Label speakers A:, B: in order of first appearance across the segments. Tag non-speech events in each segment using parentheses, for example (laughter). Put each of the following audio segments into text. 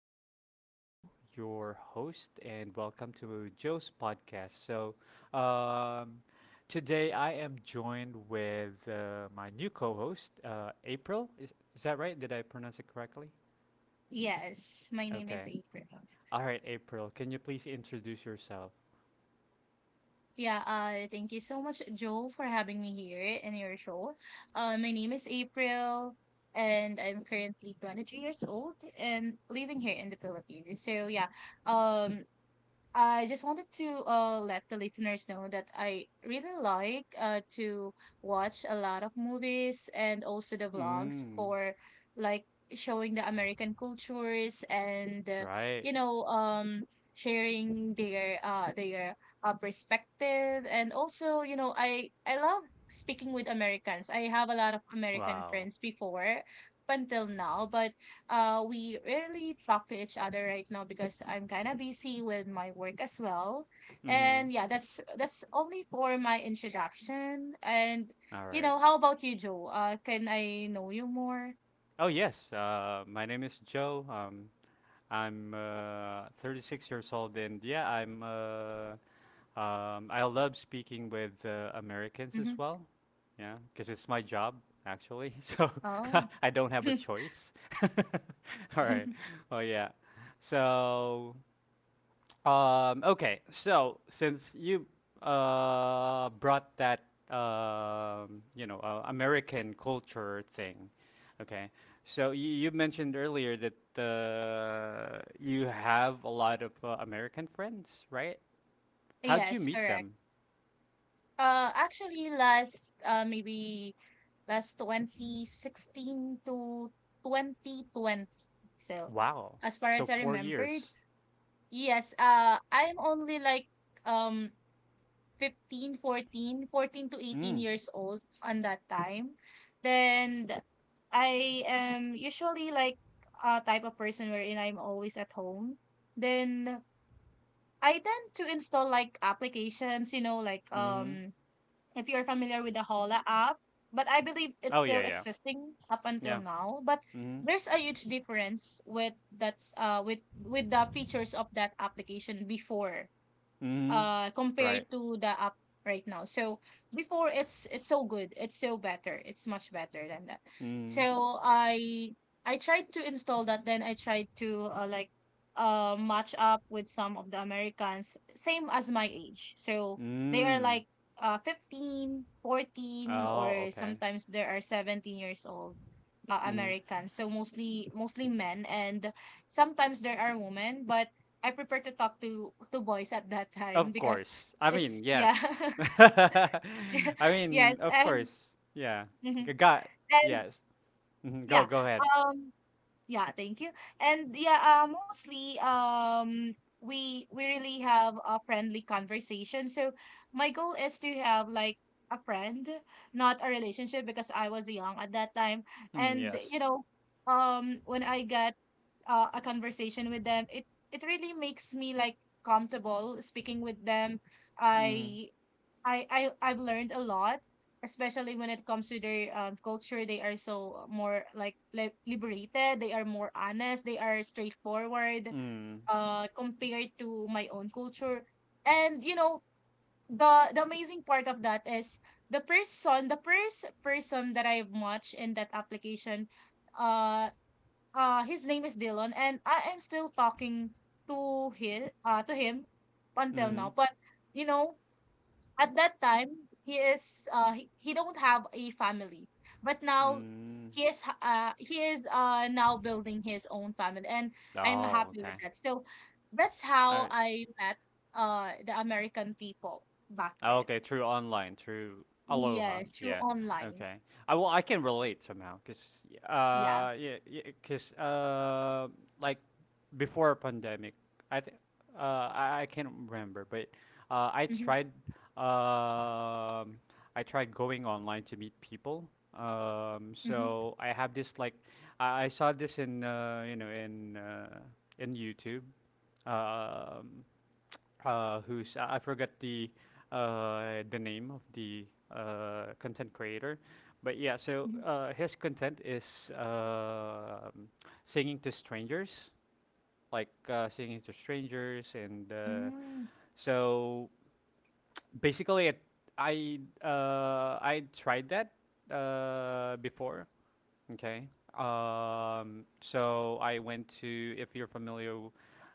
A: again, Joe, your host, and welcome to Joe's podcast. Um, Today I am joined with my new co host, April. Is that right? Did I pronounce it correctly?
B: Yes, my name
A: Okay.
B: is April.
A: All right, April, can you please introduce yourself?
B: Yeah, thank you so much, Joe, for having me here in your show. My name is April, and I'm currently 23 years old and living here in the Philippines. So yeah, um, I just wanted to let the listeners know that I really like to watch a lot of movies and also the vlogs
A: Mm,
B: for like showing the American cultures and
A: right.
B: you know um sharing their perspective, and also I love speaking with Americans. I have a lot of American
A: Wow.
B: friends before up until now, but we rarely talk to each other right now because I'm kind of busy with my work as well.
A: Mm-hmm.
B: And yeah, that's only for my introduction. And
A: All right.
B: how about you, Joe? Can I know you more?
A: Oh, yes. My name is Joe. I'm 36 years old, and I love speaking with Americans as
B: Mm-hmm.
A: well. Yeah, because it's my job actually, (laughs) so
B: Oh.
A: (laughs) I don't have a
B: (laughs)
A: choice. (laughs) All right. Oh yeah. So okay, so since you brought that American culture thing, okay, so you mentioned earlier that you have a lot of American friends, right? How'd you
B: Yes,
A: meet
B: correct.
A: them?
B: Actually, last, maybe last 2016 to 2020. So,
A: Wow,
B: as far
A: so
B: as I
A: four
B: remembered,
A: years.
B: yes, I'm only like, um 15, 14 to 18
A: Mm.
B: years old on that time. Then I am usually like a type of person wherein I'm always at home. Then I tend to install like applications, like
A: Mm-hmm.
B: if you're familiar with the Hola app, but I believe it's
A: Oh yeah,
B: still
A: yeah,
B: existing up until
A: yeah.
B: now. But
A: Mm-hmm.
B: there's a huge difference with that with the features of that application before
A: Mm-hmm.
B: compared
A: Right.
B: to the app right now. So before it's so good. It's so better. It's much better than that.
A: Mm.
B: So I tried to install that, then I tried to like match up with some of the Americans same as my age. So they are
A: Mm.
B: like 15, 14,
A: Oh,
B: or
A: okay.
B: sometimes there are 17 years old,
A: Mm-hmm.
B: Americans. So mostly men and sometimes there are women, but I prefer to talk to boys at that time
A: Of
B: because
A: course. I
B: it's,
A: mean,
B: yeah.
A: yes.
B: (laughs)
A: (laughs) I
B: Yes.
A: mean, of
B: And
A: course. Yeah.
B: mhm.
A: Got
B: And
A: yes. Hmm. Go
B: yeah.
A: go ahead.
B: um Yeah, thank you. And yeah, mostly, we really have a friendly conversation. So my goal is to have like a friend, not a relationship because I was young at that time.
A: Mm,
B: And
A: yes.
B: when I get a conversation with them, it really makes me like comfortable speaking with them.
A: Mhm.
B: I I've learned a lot, especially when it comes to their, culture. They are so more like liberated. They are more honest. They are straightforward.
A: Mm.
B: Compared to my own culture, and the amazing part of that is the first person that I've watched in that application, uh, his name is Dylan, and I am still talking to him until now.
A: Mhm.
B: But You know, at that time, he don't have a family, but now
A: Mm.
B: he is now building his own family, and I'm
A: Oh,
B: happy with
A: okay.
B: that. So that's how
A: I.
B: I met the American people back
A: Oh,
B: then.
A: okay, through online, through Aloha.
B: Yes, through
A: Yeah.
B: online.
A: Okay. I well, I can relate somehow, cause
B: Yeah.
A: uh, yeah, yeah, cause uh, like before pandemic, I th- I can't remember, but uh, I
B: Mm-hmm,
A: tried um, I tried going online to meet people.
B: mm-hmm,
A: So I have this like I saw this in in YouTube. Um, who's I forgot the name of the content creator, but yeah. So
B: mm-hmm.
A: his content is singing to strangers, like singing to strangers, and
B: Mm.
A: so basically, it, I tried that before. Okay. So I went to if you're familiar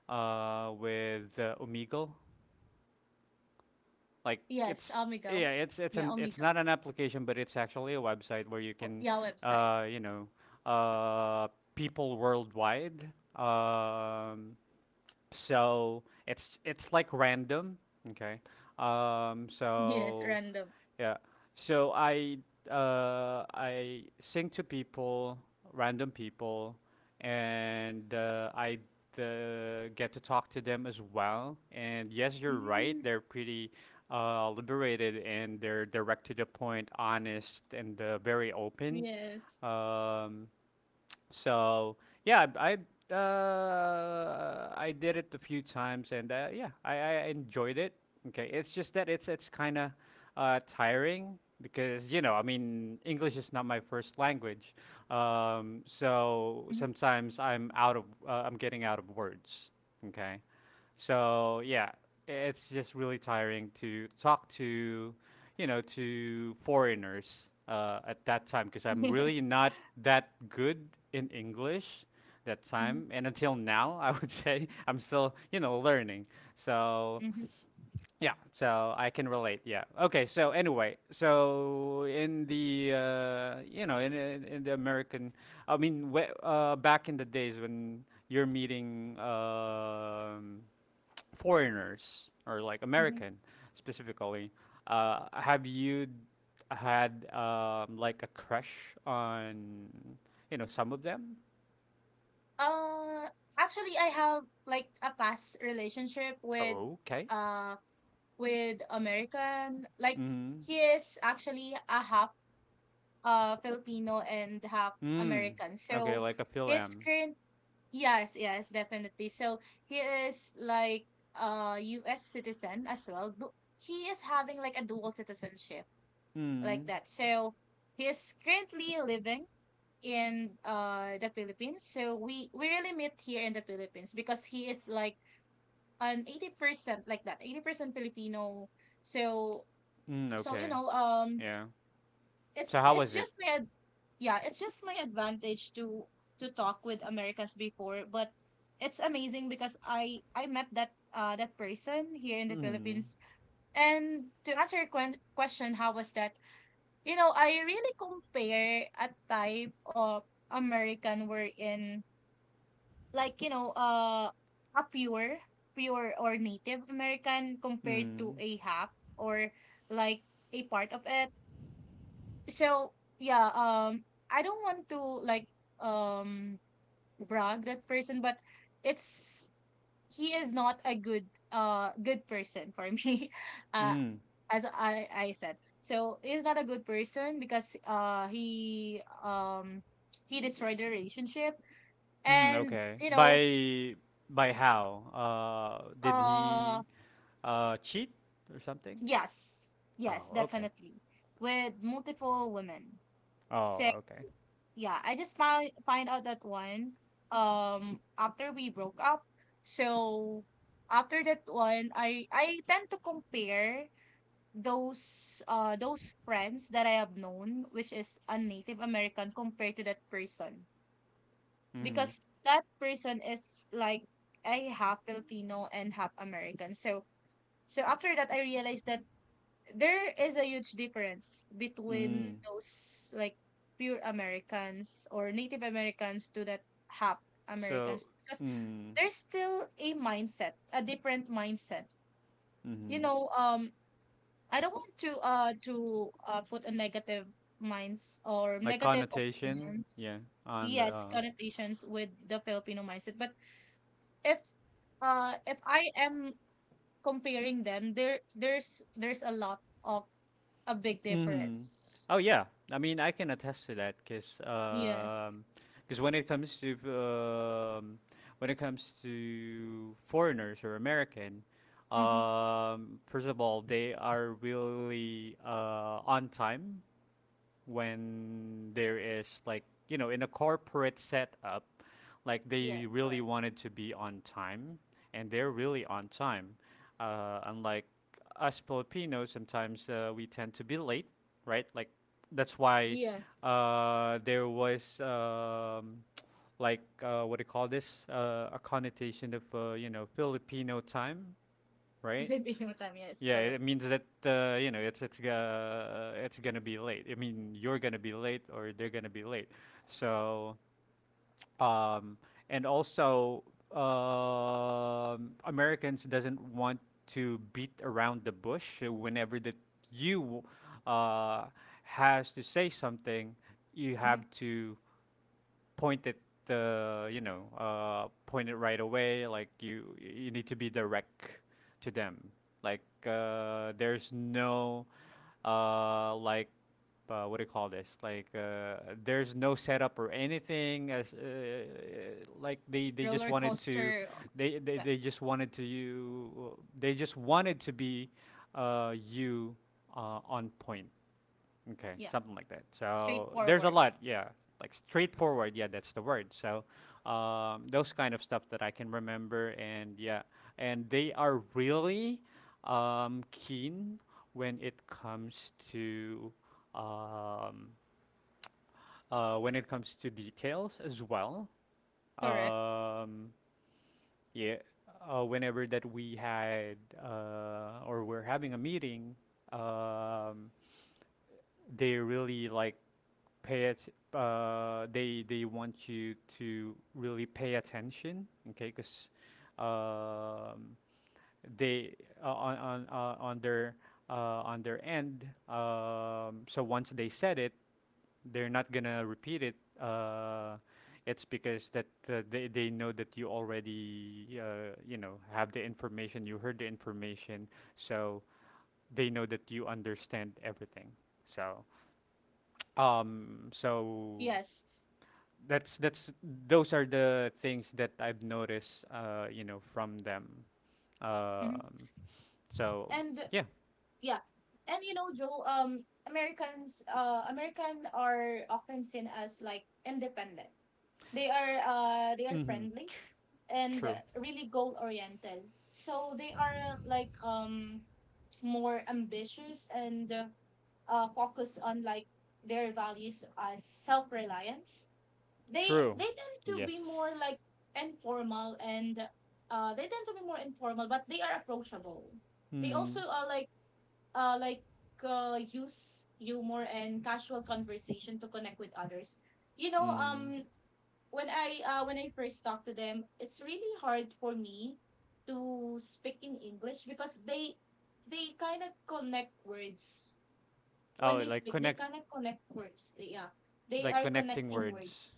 A: with Omegle. Like
B: Yes,
A: it's
B: Omegle.
A: yeah, it's
B: Yeah,
A: an it's
B: Omegle.
A: not an application, but it's actually a website where you
B: Oh,
A: can,
B: yeah, website.
A: uh, you know, uh, people worldwide. um, so it's like random, okay. um
B: (laughs) Yes,
A: so
B: random.
A: yeah, so I sing to people, random people, and I get to talk to them as well. And yes, you're right,
B: Mm,
A: they're pretty liberated and they're direct to the point, honest and very open.
B: yes.
A: Um, so yeah, I did it a few times, and yeah, I enjoyed it. Okay, it's just that it's kind of tiring because you know I mean English is not my first language, so
B: Mhm.
A: sometimes I'm out of I'm getting out of words. Okay, so yeah, it's just really tiring to talk to, you know, to foreigners at that time because I'm really not that good in English that
B: Mhm,
A: time, and until now (laughs) I would say (laughs) I'm still, you know, learning. So
B: mhm,
A: yeah, so I can relate. Yeah. Okay. So anyway, so in the in the American, back in the days when you're meeting foreigners or like
B: mhm. (laughs)
A: American specifically, uh, have you d- had like a crush on, you know, some of them?
B: Uh, Actually, I have like a past relationship
A: Okay.
B: uh with American. Like,
A: Mm.
B: he is actually a half Filipino and half
A: Mm.
B: American.
A: Okay,
B: So
A: like a Phil
B: his
A: M.
B: current, yes, yes, definitely. So he is like US citizen as well. He is having like a dual citizenship like
A: Mm.
B: that. So he is currently living in the Philippines. So we really met here in the Philippines because he is like an 80% like that, 80% Filipino. So,
A: Mm.
B: so you
A: Okay.
B: know, um
A: Yeah. So how
B: it's
A: was it?
B: just my ad- yeah, it's just my advantage to talk with Americans before, but it's amazing because I met that person here in the
A: Mm.
B: Philippines. And to answer your question, how was that? I really compare a type of American we're in, like, a pure or Native American compared to
A: Mm.
B: a hack, or like a part of it. So yeah, I don't want to, like, um brag that person, but it's he is not a good person for me. (laughs) uh
A: Mm.
B: as I said, so he's not a good person because he destroyed the relationship.
A: Mm.
B: And
A: Okay.
B: you know
A: By how? Did
B: um
A: he cheat or something?
B: Yes,
A: Oh,
B: yes,
A: okay.
B: definitely. With multiple women.
A: Oh,
B: So
A: okay.
B: yeah, I just found, find out that one, after we broke up. So after that one, I tend to compare those friends that I have known, which is a Native American compared to that person.
A: Mm-hmm.
B: Because that person is like a half Filipino and half American. So, after that, I realized that there is a huge difference between
A: Mm.
B: those like pure Americans or Native Americans to that half
A: So,
B: Americans because
A: mm.
B: there's still a mindset, a different mindset. You
A: Mm-hmm.
B: know, um, I don't want to put a negative minds or
A: Like
B: negative
A: connotation,
B: opinions,
A: yeah, on the
B: yes,
A: uh.
B: connotations with the Filipino mindset, but if if I am comparing them, there's a lot of, a big
A: Mm-hmm.
B: difference.
A: Oh yeah. I mean, I can attest to that
B: Yes.
A: because when it comes to when it comes to foreigners or American,
B: Hmm.
A: first of all, they are really on time when there is like, you know, in a corporate setup, like they
B: Yes,
A: really
B: correct.
A: wanted to be on time and they're really on time, unlike us filipinos. Sometimes we tend to be late, right, like that's why
B: Yes.
A: there was like what do you call this, a connotation of you know, filipino time,
B: (laughs)
A: right?
B: Kasi Pillow Time, yes,
A: Yeah, it
B: correct.
A: means that you know, it's gonna be late. I mean, you're gonna be late or they're gonna be late. So, um, and also, um, Americans doesn't want to beat around the bush whenever that you uh, has to say something. You
B: Hmm.
A: have to point it the, point it right away. Like you need to be direct to them. Like there's no like what do you call this? Like there's no setup or anything. As like they just
B: Roller
A: wanted to,
B: coaster, yeah,
A: they just wanted to you. They just wanted to be you on point. Okay,
B: yeah.
A: something like that. So there's a
B: Straightforward.
A: lot, yeah. Like straightforward, yeah, that's the word. So those kind of stuff that I can remember, and yeah, and they are really keen when it comes to um, when it comes to details as well.
B: Correct.
A: Um, yeah, whenever that we had or we're having a meeting, um, they really like pay it they want you to really pay attention, okay, because um, they uh, on on uh, on their uh, on their end. Um, so once they said it, they're not gonna repeat it, it's because that they know that you already you know, have the information, you heard the information, so they know that you understand everything. So so
B: Yes.
A: that's those are the things that I've noticed, you know, from them.
B: Hmm.
A: Um, so
B: And
A: yeah,
B: yeah. And, Joe, Americans, American are often seen as like independent. They are
A: mm-hmm.
B: friendly and
A: True,
B: really goal oriented. So they are like more ambitious and focus on like their values as self-reliance. They
A: true,
B: tend to be more
A: yes.
B: like informal and they tend to be more informal, but they are approachable. They
A: Mm-hmm.
B: also like uh like use humor and casual conversation to connect with others. you know
A: Mm-hmm.
B: um when I first talk to them, it's really hard for me to speak in English because they kind of connect words. When
A: Oh,
B: they
A: like
B: speak, they
A: connect,
B: cannot connect words. They, yeah, they
A: like
B: are
A: connecting
B: connecting words.
A: words.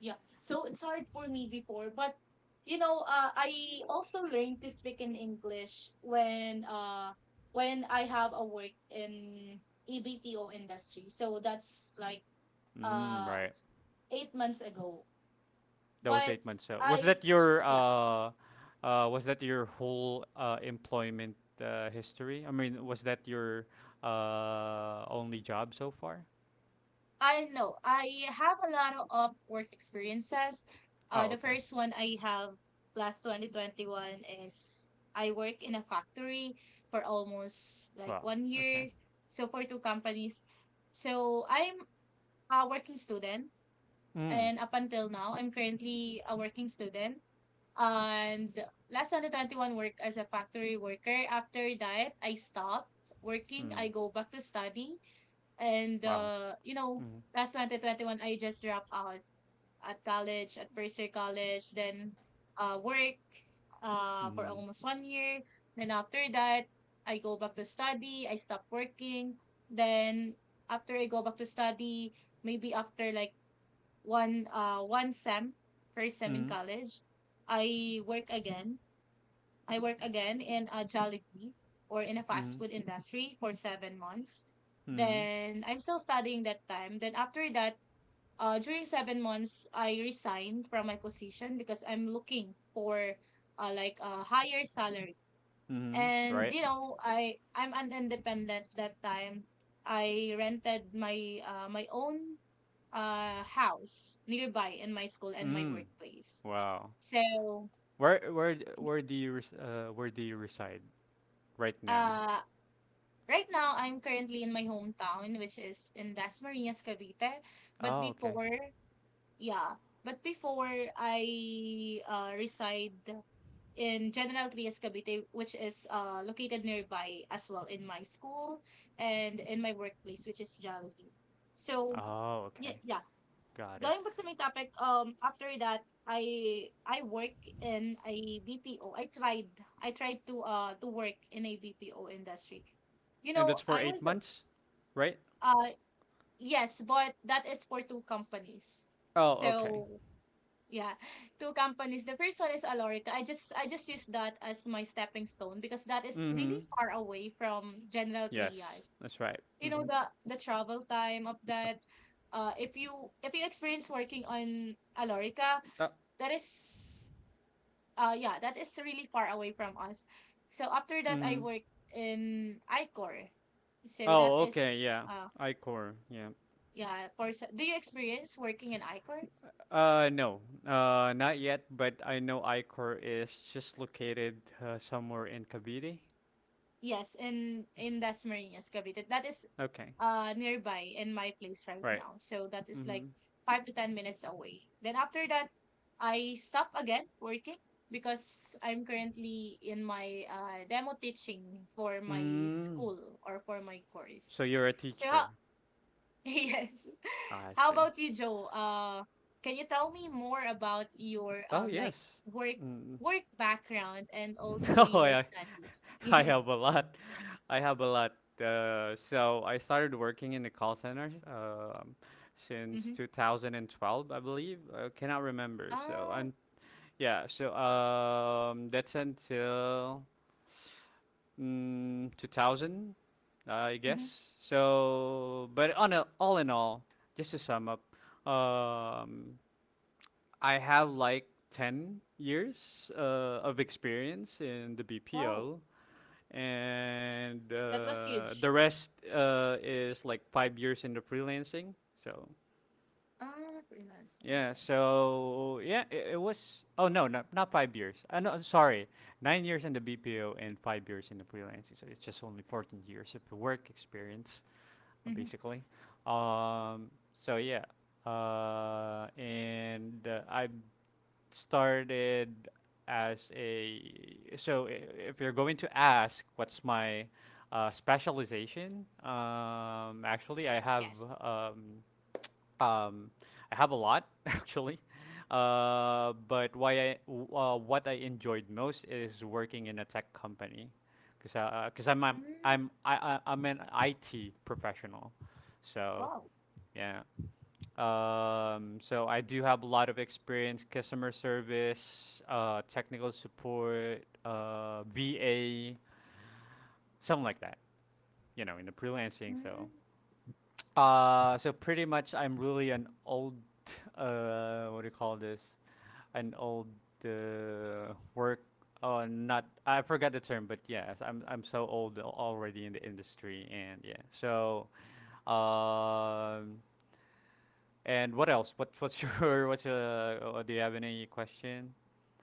B: Yeah. So it's hard for me before, but I also learned to speak in English when I have a work in EBPO industry. So that's like
A: Mm,
B: uh
A: right.
B: 8 months ago.
A: That was
B: But
A: 8 months. So
B: I, yeah.
A: was that your whole employment history? I mean, was that your only job so far?
B: I know. I have a lot of work experiences.
A: Oh,
B: The
A: okay.
B: first one I have last 2021 is I work in a factory for almost like
A: Wow.
B: one
A: Okay.
B: year. So for two companies. So I'm a working student,
A: Mm.
B: and up until now, I'm currently a working student. And last 2021 work as a factory worker. After that, I stopped working.
A: Mm.
B: I go back to study, and,
A: Wow. Mm.
B: last 2021, I just dropped out at college, at first year college, then work for
A: Mm.
B: almost one year. Then after that, I go back to study, I stop working. Then after I go back to study, maybe after like one sem, first sem in
A: Mm.
B: college, I work again I work again in a Jollibee or in a fast
A: Mm.
B: food industry for 7 months.
A: Mm.
B: Then I'm still studying that time. Then after that, during 7 months, I resigned from my position because I'm looking for like a higher salary.
A: Mm.
B: And
A: Right.
B: I'm an independent that time. I rented my own house nearby in my school and my
A: Mm.
B: workplace.
A: Wow.
B: So
A: Where do you res- where do you reside right now?
B: uh, right now, I'm currently in my hometown, which is in Das Marinas, Cavite. But
A: Oh, okay.
B: before, yeah, but before I reside in General Trias, Cavite, which is located nearby as well in my school and in my workplace, which is Jollibee. So,
A: Oh,
B: yeah,
A: okay.
B: yeah.
A: Got it.
B: Going back to my topic, after that, I work in a BPO. I tried to work in a BPO industry.
A: And that's for
B: I was
A: eight
B: the
A: months, right?
B: uh, yes, but that is for two companies.
A: Oh, okay.
B: So yeah, two companies. The first one is Alorica. I just use that as my stepping stone because that is really
A: Mm-hmm.
B: far away from General
A: Yes,
B: Trias.
A: that's right.
B: You know
A: Mm-hmm.
B: the travel time of that. If you experience working on Alorica,
A: Uh,
B: that is yeah, that is really far away from us. So after that, I
A: mm-hmm.
B: worked in Icor. So that
A: Oh,
B: is
A: okay. Yeah.
B: uh,
A: iCore. Yeah.
B: yeah, for do you experience working in Icor?
A: No, not yet, but I know Ichor is just located somewhere in Cavite.
B: Yes, in Dasmarinas, Marinas, Cavite. That is
A: Okay,
B: nearby in my place right
A: right.
B: now. So that is like
A: Mm-hmm.
B: 5 to 10 minutes away. Then after that, I stop again working because I'm currently in my demo teaching for my
A: Mm.
B: school or for my
A: So
B: course.
A: you're a
B: So how
A: teacher.
B: (laughs) Yes.
A: Ah, I
B: How
A: see.
B: about you, Joe? Can you tell me more about your
A: Oh,
B: like
A: yes.
B: work
A: Mm.
B: work background and also
A: (laughs) Oh,
B: your
A: yeah.
B: studies? (laughs)
A: I
B: Yes.
A: have a lot. I have a lot. So I started working in the call centers since
B: Mm-hmm.
A: 2012, I believe. I cannot remember. So,
B: Ah.
A: and yeah, so that's until mm, 2000, I
B: Mm-hmm.
A: guess. So, but on a, all in all, just to sum up, um, I have like 10 years of experience in the
B: Wow.
A: BPO, and
B: That was
A: the
B: huge.
A: rest is like 5 years in the freelancing. So,
B: Ah, freelance.
A: yeah,
B: Okay.
A: so yeah, it was. Oh no, not not 5 years. I no, sorry, 9 years in the BPO and 5 years in the freelancing. So it's just only 14 years of work experience,
B: Mm-hmm.
A: basically. So yeah, and I started as a. So if you're going to ask, what's my specialization? Actually,
B: Yes.
A: um, um, I have a lot, (laughs) actually, but why I w- what I enjoyed most is working in a tech company, because
B: Mm,
A: I'm an IT professional, so
B: wow.
A: yeah. So I do have a lot of experience: customer service, technical support, VA, something like that. You know, in the freelancing.
B: Mm.
A: So so pretty much, I'm really an old, (laughs) what do you call this? An old work. Oh, not. I forgot the term, but yes, I'm so old already in the industry, and yeah. So, um, and what else? What what's your (laughs) what's Do you have any question?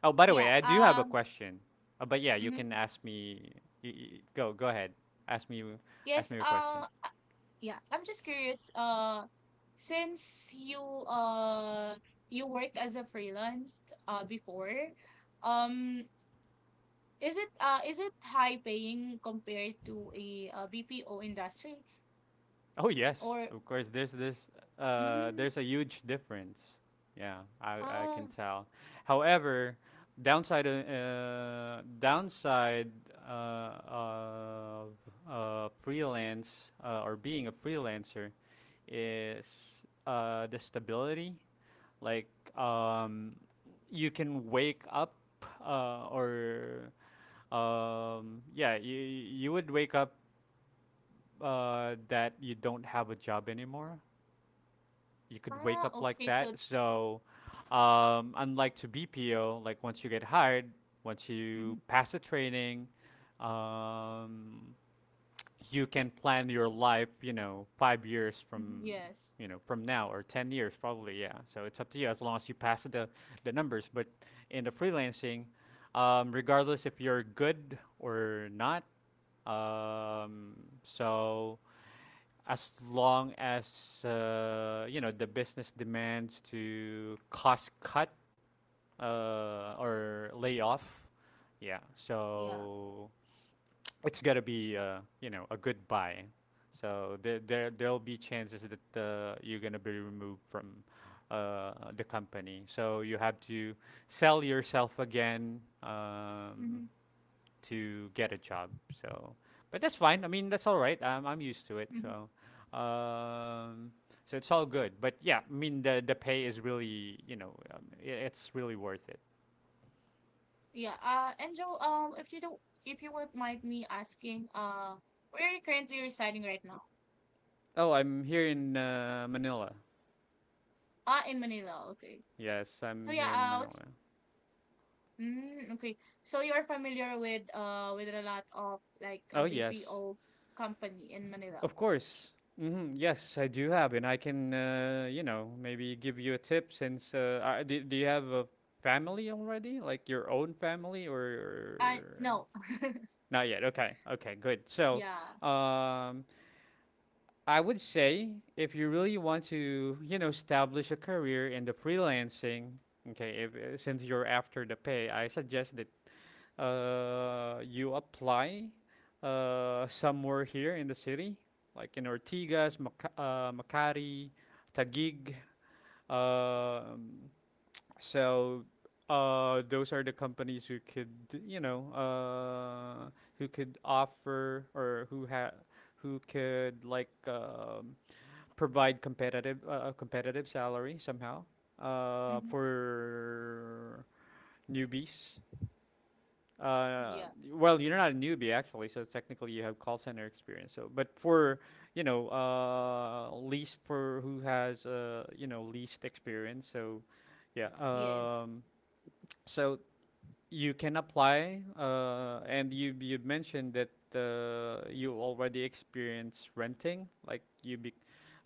A: Oh, by the way,
B: Yeah.
A: I do have a question. But yeah, you
B: Mhm.
A: can ask me. Y y Go ahead. Ask me Ask
B: Yes,
A: me your question.
B: uh, uh, yeah, I'm just curious, since uh you work as a freelance before, um, is it high paying compared to a, BPO industry
A: Oh yes,
B: or
A: of course. There's this.
B: mm,
A: There's a huge difference. Yeah, I
B: oh,
A: can
B: s-
A: tell. However, downside downside of freelance or being a freelancer is the stability. Like um, you can wake up or yeah, you would wake up that you don't have a job anymore. You could wake
B: ah,
A: up like
B: okay, so
A: that. So, unlike to BPO, like once you get hired, once
B: mhm,
A: you pass the training, um, you can plan your life. You know, five years
B: mhm,
A: from
B: yes,
A: from now or 10 years probably, yeah, so it's up to you as long as you pass the numbers. But in the freelancing, regardless if you're good or not, um, so as long as you know, the business demands to cost cut or lay off, yeah,
B: yeah,
A: so it's gonna be, you know, a good buy. So there there'll be chances that you're gonna be removed from the company, so you have to sell yourself again
B: mm-hmm,
A: to get a job. So, but that's fine. I mean, that's all right. I'm used to it.
B: mm-hmm.
A: So, um, so it's all good. But yeah, I mean, the pay is really, you know, I it's really worth it.
B: Yeah, Angel, if you don't, if you won't mind me asking, where are you currently residing right now?
A: Oh, I'm here in Manila.
B: Ah, in Manila, okay.
A: Yes,
B: So
A: I'm
B: yeah,
A: here in Manila.
B: okay. So you're familiar with a lot of like a
A: Oh yes,
B: BPO company in Manila.
A: of course. Yes, I do have, and I can, you know, maybe give you a tip since do you have a family already, like your own family,
B: I
A: or
B: no. (laughs)
A: Not yet. Okay. Okay. Good. So,
B: Yeah.
A: um, I would say if you really want to, you know, establish a career in the freelancing. Okay, if, since you're after the pay, I suggest that you apply somewhere here in the city, like in Ortigas, Makati, Taguig. Um, so those are the companies who could, you know, who could offer or who could like provide competitive competitive salary somehow
B: Mm-hmm.
A: for newbies. Uh,
B: Yeah.
A: well, you're not a newbie actually, so technically you have call center experience. So, but for you know, least for who has you know, least experience. So, yeah.
B: Yes.
A: So you can apply, and you mentioned that you already experienced renting, like you be,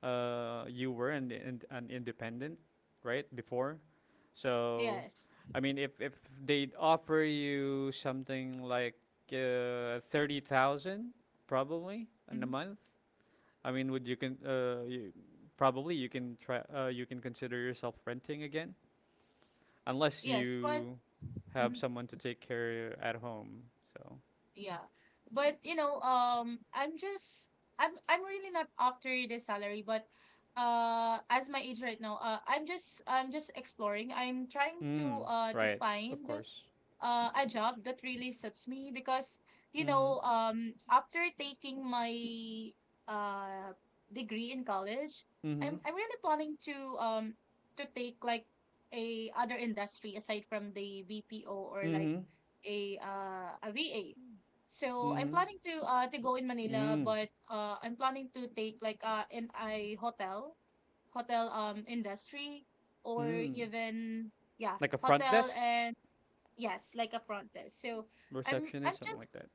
A: uh, you were an independent right before. So,
B: Yes.
A: I mean, if they offer you something like 30,000, probably in a
B: Mm-hmm.
A: month, I mean, would you can probably you can try, you can consider yourself renting again? Unless
B: Yes, but
A: you have
B: mhm,
A: someone to take care at home. So,
B: yeah. But you know, I'm I'm really not after the salary, but as my age right now, I'm just exploring. I'm trying
A: mm,
B: to
A: right, of
B: find
A: course.
B: a job that really suits me because you
A: Mm,
B: know after taking my uh degree in college.
A: mm-hmm,
B: I'm really planning to take like a other industry aside from the BPO or like
A: mm-hmm,
B: a VA, so I'm
A: mm-hmm,
B: planning to go in Manila,
A: mm,
B: but I'm planning to take like in a hotel, hotel industry, or
A: mm.
B: even yeah
A: Like a front
B: hotel.
A: desk
B: And yes, like a protest. So I'm
A: receptionist, something like
B: just,
A: that.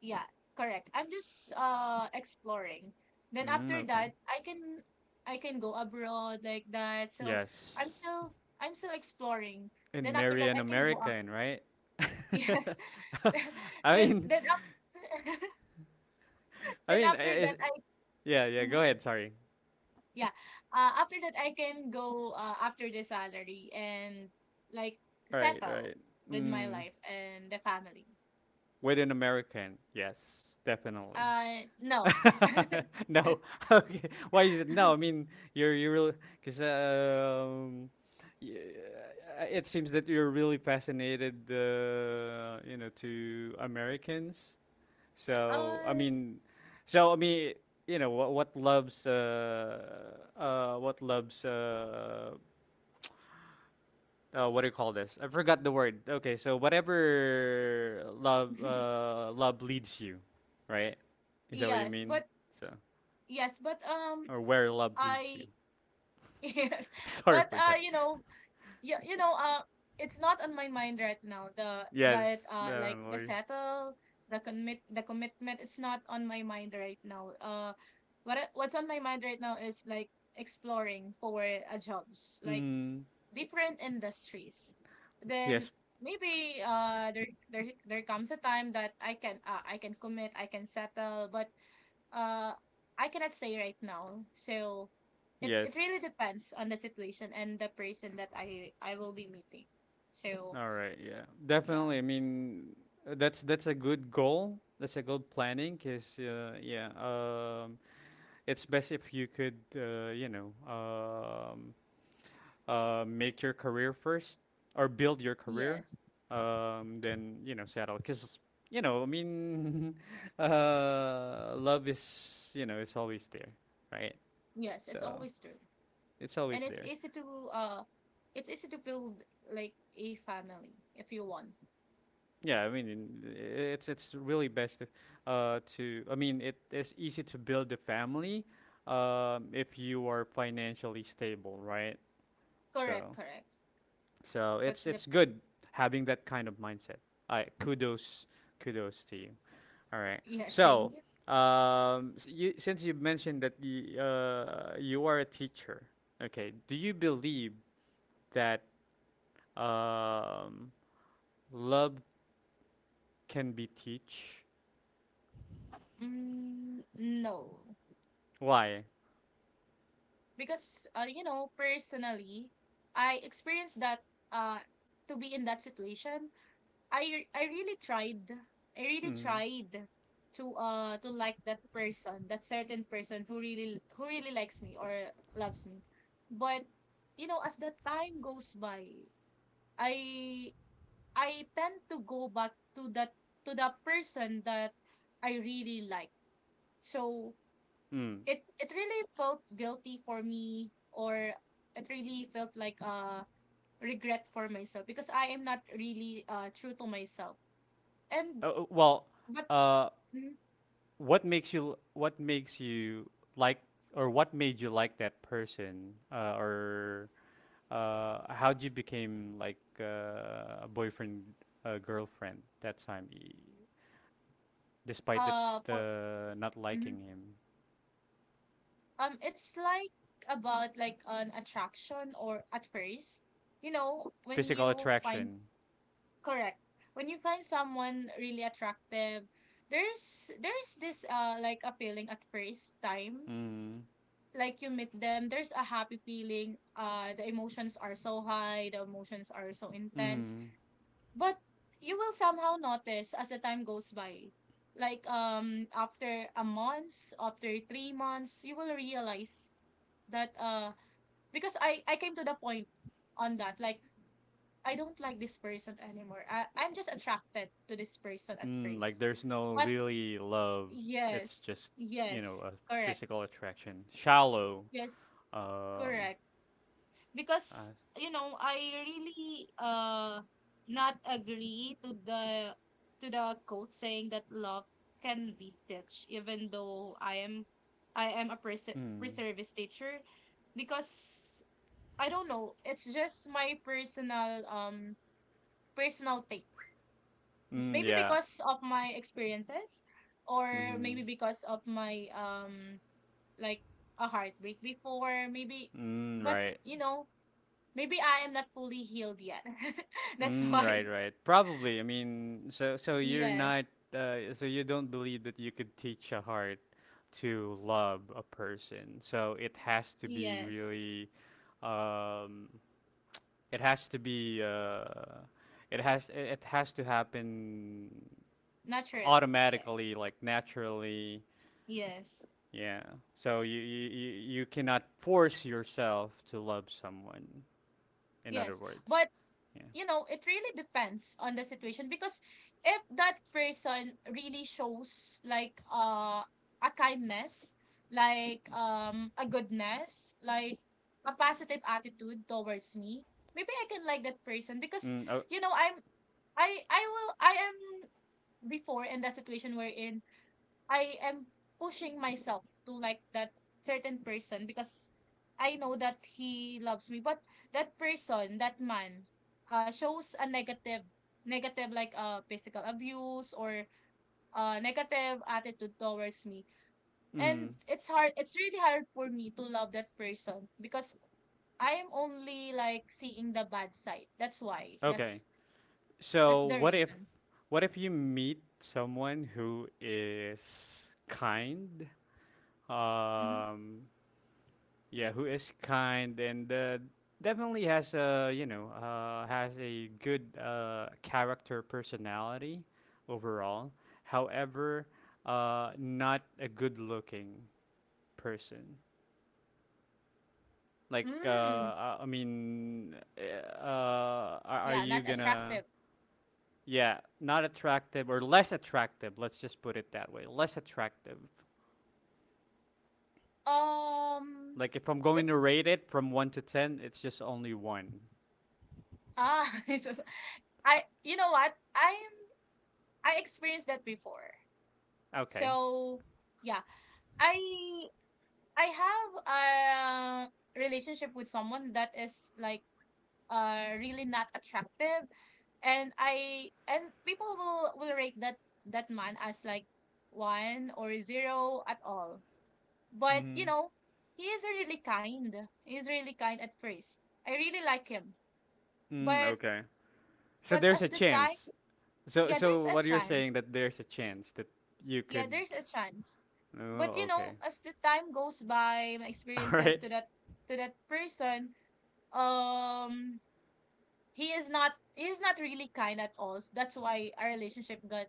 B: yeah, correct. I'm just exploring. Then
A: Mm,
B: after
A: okay.
B: that, I can go abroad like that. So I'm
A: Yes,
B: still I'm still exploring.
A: and
B: Then after
A: marry
B: that,
A: an
B: I can go up. (laughs)
A: American, right?
B: Yeah.
A: (laughs) I mean,
B: Then after, (laughs)
A: I
B: then
A: mean,
B: after that
A: is
B: I
A: yeah, yeah. Go
B: mhm,
A: ahead. Sorry.
B: yeah. After that, I can go after the salary and like
A: All right, all
B: settle
A: right.
B: with my
A: Mm,
B: life and the family.
A: with an American, yes, definitely.
B: No.
A: (laughs)
B: (laughs)
A: No. (laughs) Okay. Why is it no? I mean, you're you really because y- it seems that you're really fascinated, you know, to Americans. So I
B: Uh,
A: mean, so I mean, you know, what loves what loves what do you call this? I forgot the word. Okay, so whatever
B: (laughs)
A: love leads you, right? Is that what you
B: yes,
A: mean?
B: but
A: So
B: yes, but
A: or where love leads you.
B: I (laughs) yes,
A: (laughs) Sorry
B: but
A: for that.
B: yeah, you know, it's not on my mind right now. The that
A: Yes,
B: like the
A: definitely.
B: settle, the commit, the commitment. It's not on my mind right now. What's on my mind right now is like exploring for jobs, like
A: Mm,
B: different industries. Then
A: yes,
B: maybe there there comes a time that I can commit, I can settle, but uh I cannot say right now. So it
A: yes.
B: it really depends on the situation and the person that I will be meeting. So
A: All right, yeah.
B: yeah,
A: Definitely. I mean, that's a good goal. That's a good planning, cuz yeah, it's best if you could, you know, make your career first or build your career,
B: yes,
A: then, you know, settle. Cuz you know, I mean, (laughs) love is, you know, it's always there, right?
B: yes, it's
A: So,
B: always true,
A: it's always
B: and
A: there.
B: uh, it's easy to build like a family if you want.
A: Yeah, I mean, it's really best if, to. I mean, it is easy to build a family, if you are financially stable, right?
B: Correct,
A: So,
B: correct.
A: so
B: That's
A: it's
B: the point.
A: good having that kind of mindset. I kudos, kudos to you. All right.
B: Yes, thank
A: So,
B: you.
A: you, since you mentioned that you, you are a teacher, okay, do you believe that um, love can be teach?
B: Mm, no,
A: Why?
B: because you know personally, I experienced that uh to be in that situation, I really tried. I really
A: Mm-hmm.
B: tried to like that person, that certain person who really, who really likes me or loves me. But you know, as the time goes by, I I tend to go back to that, to the person that I really like. So
A: Mm.
B: it really felt guilty for me, or it really felt like regret for myself because I am not really true to myself. And
A: Well,
B: but
A: uh,
B: Mhm.
A: what makes you like or what made you like that person or how would you became like a boyfriend girlfriend that time, despite that,
B: For
A: not
B: mhm.
A: liking him,
B: It's like about like an attraction, or at first, you know, when
A: physical
B: you find
A: attraction.
B: correct, when you find someone really attractive, there's this like a feeling at first time,
A: Mm.
B: like you meet them, there's a happy feeling, the emotions are so high, the emotions are so intense.
A: Mm.
B: But you will somehow notice as the time goes by. Like after a month, after 3 months, you will realize that because I came to the point on that, like I don't like this person anymore. I I'm just attracted to this person at
A: Mm, like
B: first.
A: there's no
B: But
A: really love, it's
B: yes,
A: just you know,
B: yes,
A: a
B: correct.
A: physical attraction, shallow,
B: Yes,
A: um,
B: correct. Because
A: uh,
B: you know I really not agree to the, to the quote saying that love can be teach, even though I am a
A: mm.
B: pre-service teacher, because I don't know, it's just my personal personal take,
A: Mm,
B: maybe
A: yeah.
B: because of my experiences, or
A: Mm-hmm.
B: maybe because of my like a heartbreak before, maybe.
A: Mm,
B: But
A: right.
B: you know, maybe I am not fully healed yet. (laughs) That's
A: Mm,
B: why.
A: right, right. Probably. I mean, so so you're not
B: Yes.
A: so you don't believe that you could teach a heart to love a person. So it has to be
B: Yes.
A: really um it has to be it it has to happen
B: Naturally. Yes.
A: automatically, like naturally.
B: Yes.
A: Yeah. So you cannot force yourself to love someone, in other
B: Yes.
A: words.
B: But,
A: Yeah.
B: you know, it really depends on the situation because if that person really shows like a kindness, like a goodness, like a positive attitude towards me, maybe I can like that person because,
A: Mm, oh,
B: you know, I'm I will I am before in the situation we're in. I am pushing myself to like that certain person because I know that he loves me. But that person, that man, shows a negative, negative, like physical abuse or negative attitude towards me.
A: mm,
B: And it's hard. It's really hard for me to love that person because I am only like seeing the bad side. That's why.
A: okay.
B: That's
A: So
B: the reason.
A: what if you meet someone who is kind?
B: Mm-hmm.
A: Um, yeah, who is kind and, definitely has a, you know, has a good character, personality overall. However, not a good looking person. Like
B: Mm,
A: I mean, are
B: yeah,
A: you
B: not
A: gonna
B: attractive.
A: Yeah, not attractive or less attractive. Let's just put it that way. Less attractive.
B: Um,
A: Like if I'm going to
B: it's
A: rate it from 1 to 10, it's just only 1.
B: Ah, (laughs) so I, you know what? I am I experienced that before.
A: Okay.
B: So yeah, I I have a relationship with someone that is like really not attractive, and I, and people will rate that that man as like one or zero at all. But
A: Mm-hmm.
B: you know, he is really kind. He's really kind at first. I really like him.
A: Mm,
B: But
A: okay. So
B: but
A: there's
B: as
A: a
B: the time,
A: chance. So
B: yeah, there's
A: so
B: a
A: what you're
B: chance.
A: saying that there's a chance that you
B: Yeah,
A: could
B: there's a chance. But
A: Oh,
B: you
A: okay.
B: know, as the time goes by, my
A: (laughs) All
B: experiences
A: right.
B: to that, to that person, um, he is not, he is not really kind at all. So that's why our relationship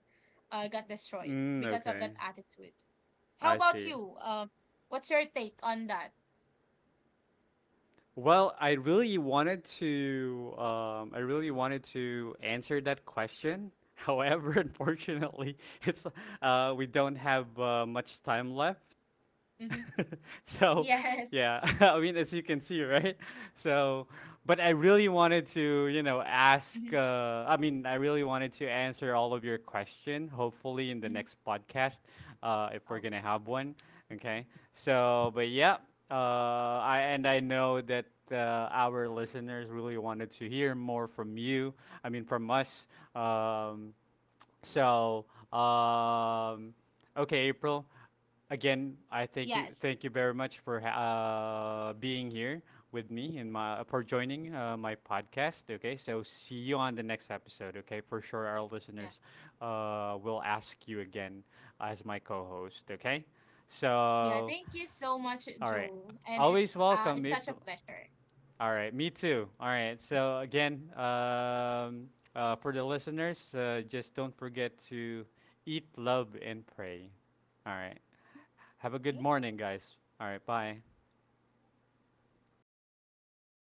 B: got destroyed
A: Mm,
B: because of
A: okay.
B: that attitude. How
A: I
B: about
A: see.
B: you? What's your take on that?
A: Well, I really wanted to I really wanted to answer that question. (laughs) However, unfortunately, it's we don't have much time left.
B: Mm-hmm.
A: (laughs)
B: (laughs)
A: So
B: Yes.
A: yeah. (laughs) I mean, as you can see, right, so but I really wanted to, you know, ask,
B: Mm-hmm.
A: I mean, I really wanted to answer all of your question, hopefully in the
B: Mm-hmm.
A: next podcast, if we're
B: Okay.
A: gonna have one. Okay, so but yeah, I and I know that our listeners really wanted to hear more from you, I mean from us, um, so, um, okay, April. Again, I thank you.
B: Yes.
A: Thank you very much for being here with me, and my for joining my podcast. Okay, so see you on the next episode. Okay, for sure, our
B: Yeah.
A: listeners will ask you again as my co-host. Okay,
B: Yeah.
A: so
B: Thank you so much,
A: all right,
B: Joe. And
A: always welcome,
B: it's such a
A: April.
B: pleasure.
A: All right, me too. All right, so again, for the listeners, just don't forget to eat, love, and pray. All right, have a good
B: Thank you.
A: morning, guys. All right, bye.